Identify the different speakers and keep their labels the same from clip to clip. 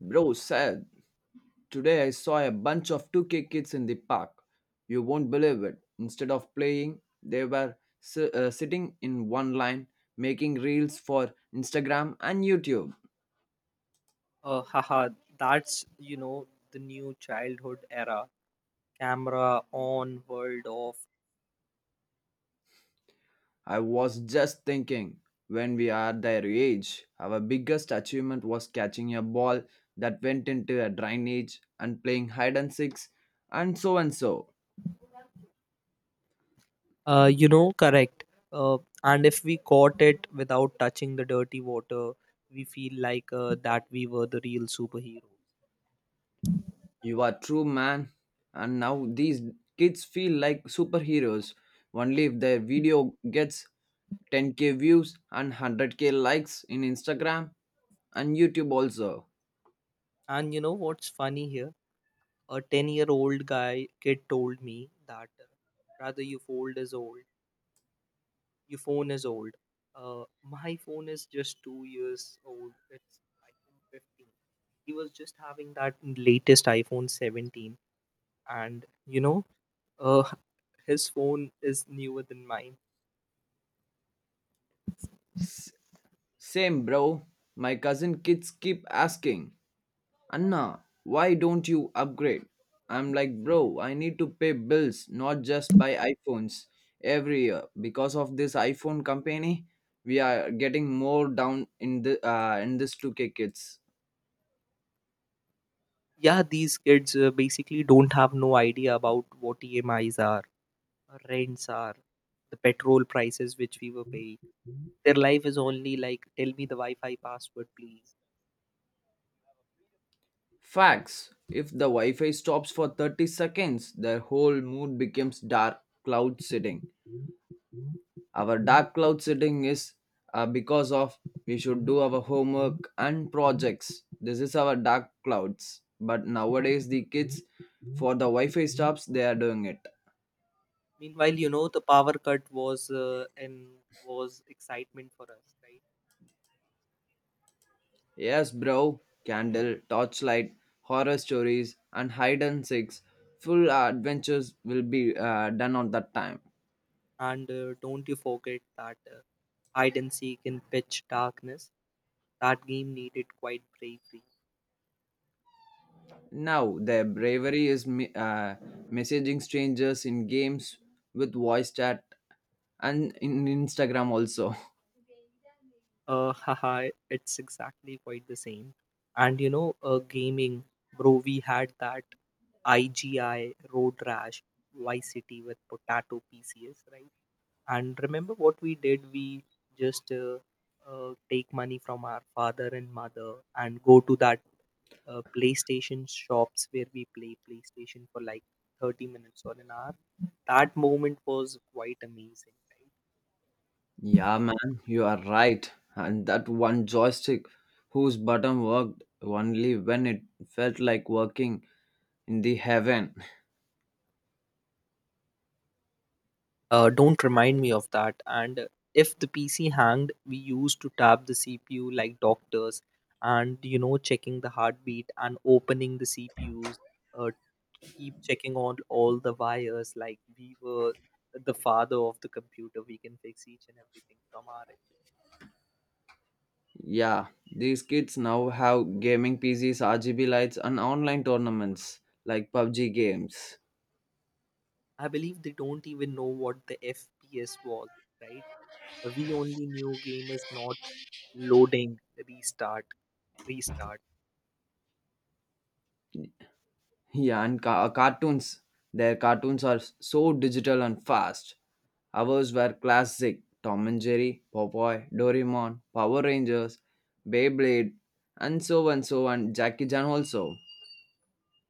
Speaker 1: Bro said, today I saw a bunch of 2K kids in the park. You won't believe it. Instead of playing, they were sitting in one line, making reels for Instagram and YouTube.
Speaker 2: Haha, that's, the new childhood era. Camera on, world off.
Speaker 1: I was just thinking, when we are their age, our biggest achievement was catching a ball that went into a drainage and playing hide and seeks and so and so.
Speaker 2: Correct. Uh, and if we caught it without touching the dirty water, we feel like that we were the real superhero.
Speaker 1: You are true, man. And now these kids feel like superheroes only if their video gets 10K views and 100K likes in Instagram and YouTube also.
Speaker 2: And you know what's funny here? A 10-year-old guy kid told me that rather you fold is old. Your phone is old. My phone is just 2 years old. It's iPhone 15. He was just having that latest iPhone 17, and uh, his phone is newer than mine.
Speaker 1: S- Same, bro. My cousin kids keep asking, Anna, why don't you upgrade? I'm like, bro, I need to pay bills, not just buy iPhones every year. Because of this iPhone company, we are getting more down in this 2K kids.
Speaker 2: Yeah, these kids basically don't have no idea about what EMIs are, rents are, the petrol prices which we were paying. Their life is only like, tell me the Wi-Fi password, please.
Speaker 1: Facts. If the Wi Fi stops for 30 seconds, their whole mood becomes dark cloud sitting. Our dark cloud sitting is because of we should do our homework and projects. This is our dark clouds. But nowadays, the kids for the Wi Fi stops, they are doing it.
Speaker 2: Meanwhile, the power cut was and was excitement for us, right?
Speaker 1: Yes, bro. Candle, torchlight, horror stories, and hide and seeks. Full adventures will be done on that time.
Speaker 2: And don't you forget that hide and seek in pitch darkness. That game needed quite bravery.
Speaker 1: Now, their bravery is messaging strangers in games with voice chat and in Instagram also.
Speaker 2: Haha, it's exactly quite the same. And gaming, bro, we had that IGI Road Rash Vice City with Potato PCs, right? And remember what we did? We just take money from our father and mother and go to that PlayStation shops where we play PlayStation for like 30 minutes or an hour. That moment was quite amazing, right?
Speaker 1: Yeah, man, you are right. And that one joystick whose button worked only when it felt like working in the heaven.
Speaker 2: Don't remind me of that. And if the PC hanged, we used to tap the CPU like doctors and, checking the heartbeat and opening the CPUs, uh, keep checking on all the wires like we were the father of the computer. We can fix each and everything from our end.
Speaker 1: Yeah, these kids now have gaming PCs, RGB lights, and online tournaments like PUBG games.
Speaker 2: I believe they don't even know what the FPS was, right? We only knew game is not loading, restart, restart.
Speaker 1: Yeah, and cartoons. Their cartoons are so digital and fast. Ours were classic Tom and Jerry, Popeye, Doraemon, Power Rangers, Beyblade, and so and so and Jackie Chan also.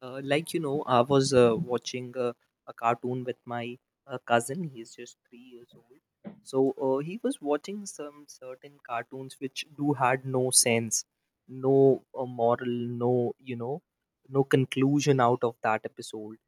Speaker 2: Like I was watching a cartoon with my cousin. He's just 3 years old. So he was watching some certain cartoons which do had no sense, no moral, no, no conclusion out of that episode,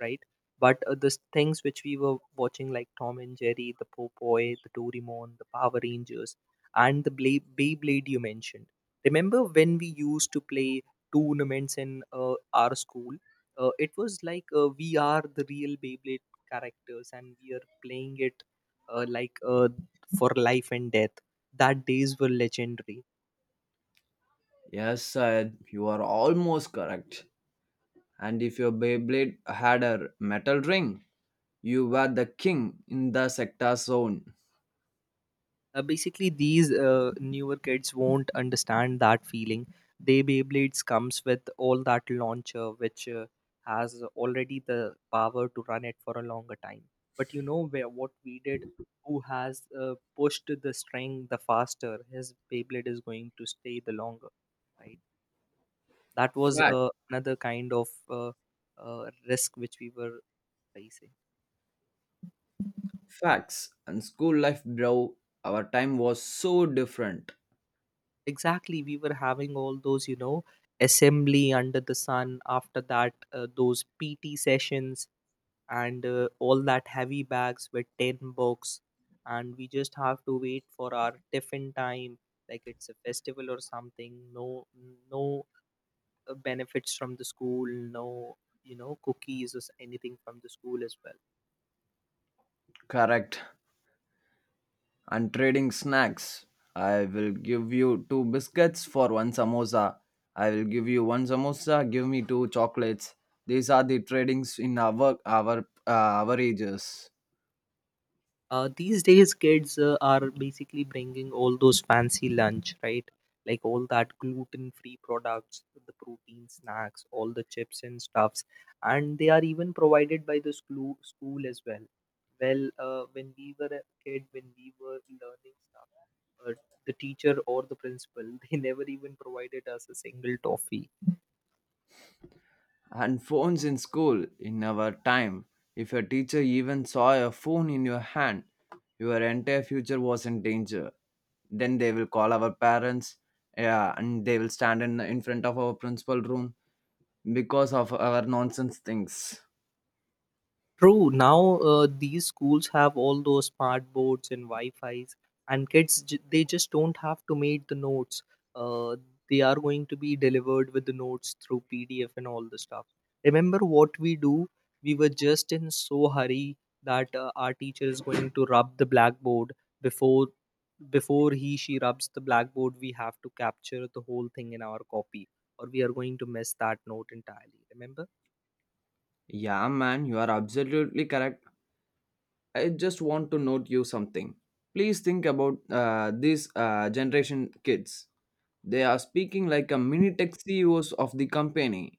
Speaker 2: right? But the things which we were watching, like Tom and Jerry, the Popeye, the Doraemon, the Power Rangers, and the Beyblade you mentioned. Remember when we used to play tournaments in our school? It was like we are the real Beyblade characters and we are playing it like for life and death. That days were legendary.
Speaker 1: Yes, Syed, you are almost correct. And if your Beyblade had a metal ring, you were the king in the sector zone.
Speaker 2: Basically these newer kids won't understand that feeling. They beyblades comes with all that launcher which has already the power to run it for a longer time. But you know where what we did, who has pushed the string the faster his beyblade is going to stay the longer, right? That was
Speaker 1: Fact,
Speaker 2: another kind of risk which we were facing.
Speaker 1: facts, and school life, bro. Our time was so different.
Speaker 2: Exactly, we were having all those, assembly under the sun after that, those PT sessions and all that heavy bags with 10 books. And we just have to wait for our tiffin time, like it's a festival or something. No, no benefits from the school, no, cookies or anything from the school as well.
Speaker 1: Correct, and trading snacks. I will give you two biscuits for one samosa. I will give you one samosa. Give me two chocolates. These are the tradings in our our ages
Speaker 2: These days kids are basically bringing all those fancy lunch, right? Like all that gluten free products, the protein snacks, all the chips and stuffs, and they are even provided by the school as well. Well, when we were a kid, when we were learning stuff, uh, the teacher or the principal they never even provided us a single toffee.
Speaker 1: and phones in school in our time. If your teacher even saw a phone in your hand, your entire future was in danger. Then they will call our parents. Yeah, and they will stand in front of our principal room because of our nonsense things.
Speaker 2: True. Now these schools have all those smart boards and Wi-Fi's, and kids they just don't have to make the notes. Uh, they are going to be delivered with the notes through PDF and all the stuff. Remember what we do? We were just in so hurry that our teacher is going to rub the blackboard before before he she rubs the blackboard. We have to capture the whole thing in our copy, or we are going to miss that note entirely. Remember?
Speaker 1: Yeah, man, you are absolutely correct. I just want to note you something. Please think about these generation kids. They are speaking like a mini tech CEOs of the company.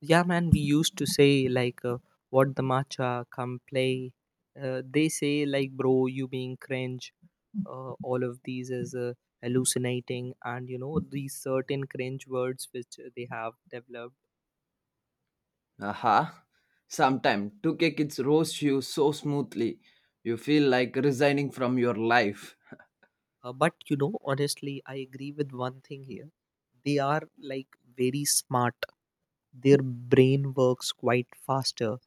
Speaker 2: Yeah, man, we used to say, like, what the matcha, come play. They say, like, bro, you being cringe, all of these is hallucinating, and these certain cringe words which they have developed.
Speaker 1: Aha. Sometime 2K kids roast you so smoothly, you feel like resigning from your life.
Speaker 2: But honestly, I agree with one thing here. They are like very smart, their brain works quite faster.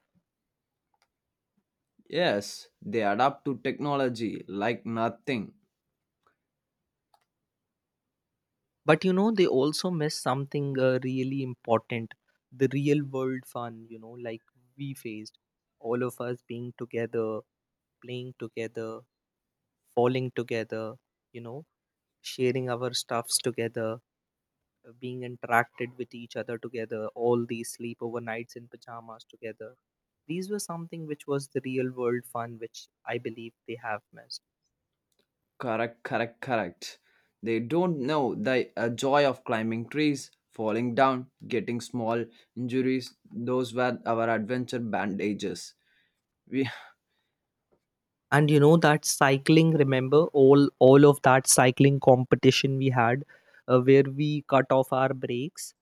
Speaker 1: Yes, they adapt to technology like nothing.
Speaker 2: But they also miss something really important, the real world fun, like we faced, all of us being together, playing together, falling together, you know sharing our stuffs together, being interacted with each other together, all these sleepover nights in pajamas together. These were something which was the real world fun which I believe they have missed.
Speaker 1: Correct, correct, correct. They don't know the joy of climbing trees, falling down, getting small injuries. Those were our adventure bandages. We,
Speaker 2: And that cycling, remember all of that cycling competition we had where we cut off our brakes?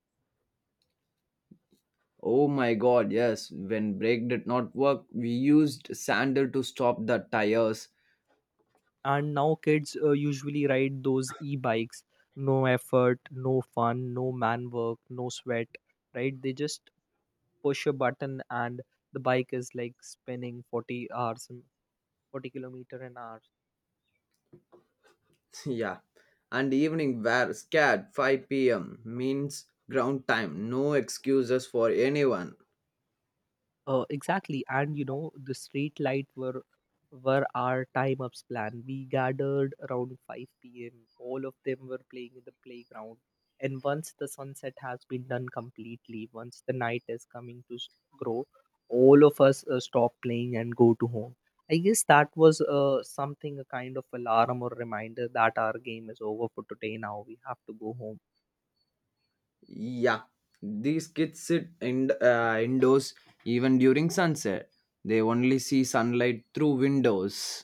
Speaker 1: oh my god, yes. When brake did not work, we used sandal to stop the tires.
Speaker 2: And now kids usually ride those e-bikes. No effort, no fun, no man work, no sweat, right? They just push a button and the bike is like spinning 40 hours, 40-kilometer an hour.
Speaker 1: Yeah. And evening were scared 5 p.m. means ground time. No excuses for anyone.
Speaker 2: Exactly, and the street light were our time ups plan. We gathered around 5 p.m. All of them were playing in the playground, and once the sunset has been done completely, once the night is coming to grow, all of us stop playing and go to home. I guess that was something a kind of alarm or reminder that our game is over for today. Now we have to go home.
Speaker 1: Yeah, these kids sit indoors even during sunset. They only see sunlight through windows.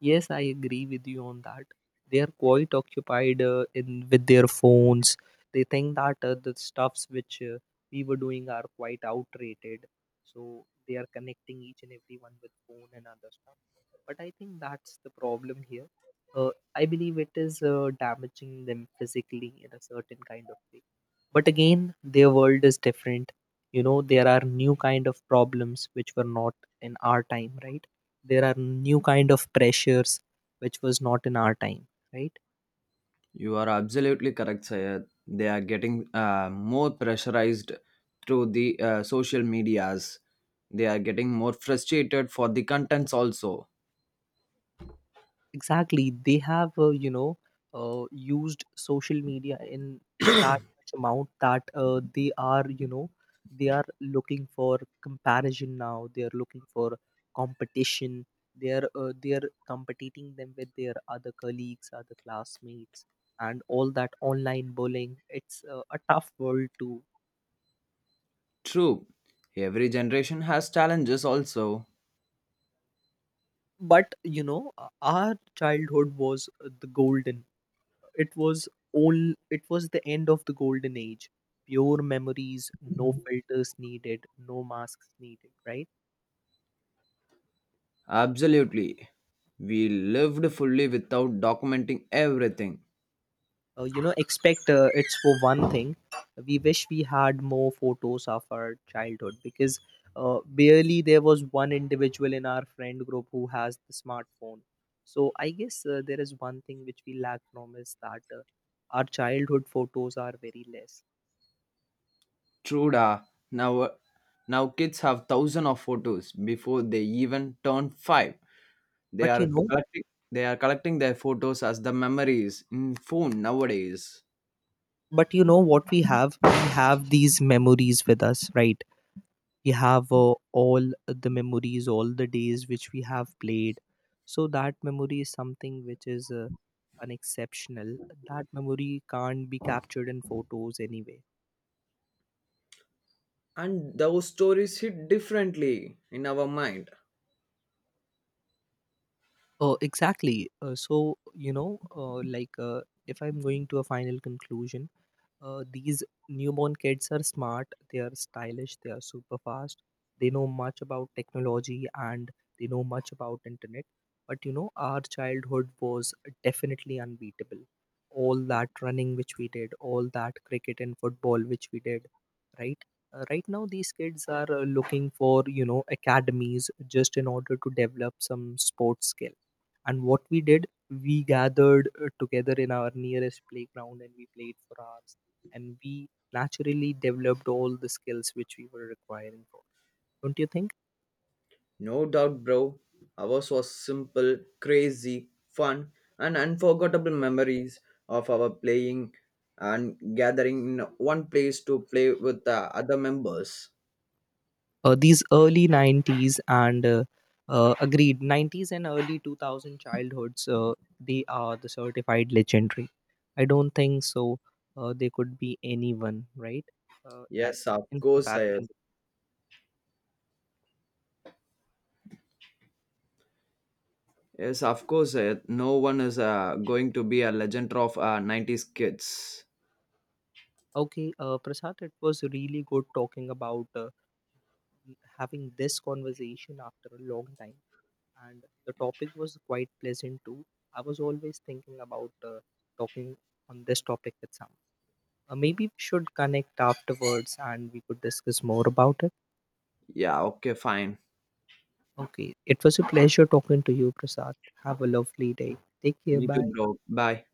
Speaker 2: Yes, I agree with you on that. They are quite occupied in with their phones. They think that the stuffs which we were doing are quite outdated, so they are connecting each and everyone with phone and other stuff. But I think that's the problem here. Uh, I believe it is damaging them physically in a certain kind of way. But again, their world is different. There are new kind of problems which were not in our time, right? There are new kind of pressures which was not in our time, right?
Speaker 1: You are absolutely correct, Sayed. They are getting more pressurized through the social medias. They are getting more frustrated for the contents also.
Speaker 2: Exactly, they have used social media in that much amount that they are, they are looking for comparison. Now they are looking for competition. They are competing them with their other colleagues, other classmates, and all that online bullying. It's a tough world too.
Speaker 1: True, every generation has challenges also.
Speaker 2: But you know Our childhood was the golden. It was all it was the end of the golden age. Pure memories, no filters needed, no masks needed, right?
Speaker 1: Absolutely. We lived fully without documenting everything.
Speaker 2: Expect it's for one thing. We wish we had more photos of our childhood because barely there was one individual in our friend group who has the smartphone. So I guess there is one thing which we lack from is that our childhood photos are very less.
Speaker 1: True da. Now, now, kids have thousands of photos before they even turn five. They
Speaker 2: But you
Speaker 1: are
Speaker 2: know,
Speaker 1: collecting, they are collecting their photos as the memories in phone nowadays.
Speaker 2: but you know what we have? We have these memories with us, right? We have all the memories, all the days which we have played. So that memory is something which is an exceptional. That memory can't be captured in photos anyway.
Speaker 1: And those stories hit differently in our mind.
Speaker 2: Oh, exactly. So like if I'm going to a final conclusion. These newborn kids are smart, they are stylish, they are super fast. They know much about technology and they know much about internet. But our childhood was definitely unbeatable. All that running which we did, all that cricket and football which we did, right? Right now, these kids are looking for academies just in order to develop some sports skill. And what we did, we gathered together in our nearest playground and we played for hours. And we naturally developed all the skills which we were requiring for. Don't you think?
Speaker 1: No doubt, bro. Ours was simple, crazy, fun, and unforgettable memories of our playing and gathering in one place to play with the other members.
Speaker 2: These early 90s and agreed 90s and early 2000 childhoods, they are the certified legendary. I don't think so. They could be anyone, right? Uh, a-
Speaker 1: Yes, of
Speaker 2: in
Speaker 1: course, I
Speaker 2: comparison.
Speaker 1: yes, of course. No one is going to be a legend of 90s kids.
Speaker 2: Okay, Prasad, it was really good talking about having this conversation after a long time, and the topic was quite pleasant too. I was always thinking about talking on this topic with someone. Maybe we should connect afterwards and we could discuss more about it.
Speaker 1: Yeah, okay, fine.
Speaker 2: Okay, it was a pleasure talking to you, Prasad. Have a lovely day. Take care,
Speaker 1: Me too,
Speaker 2: bye.
Speaker 1: bro. Bye.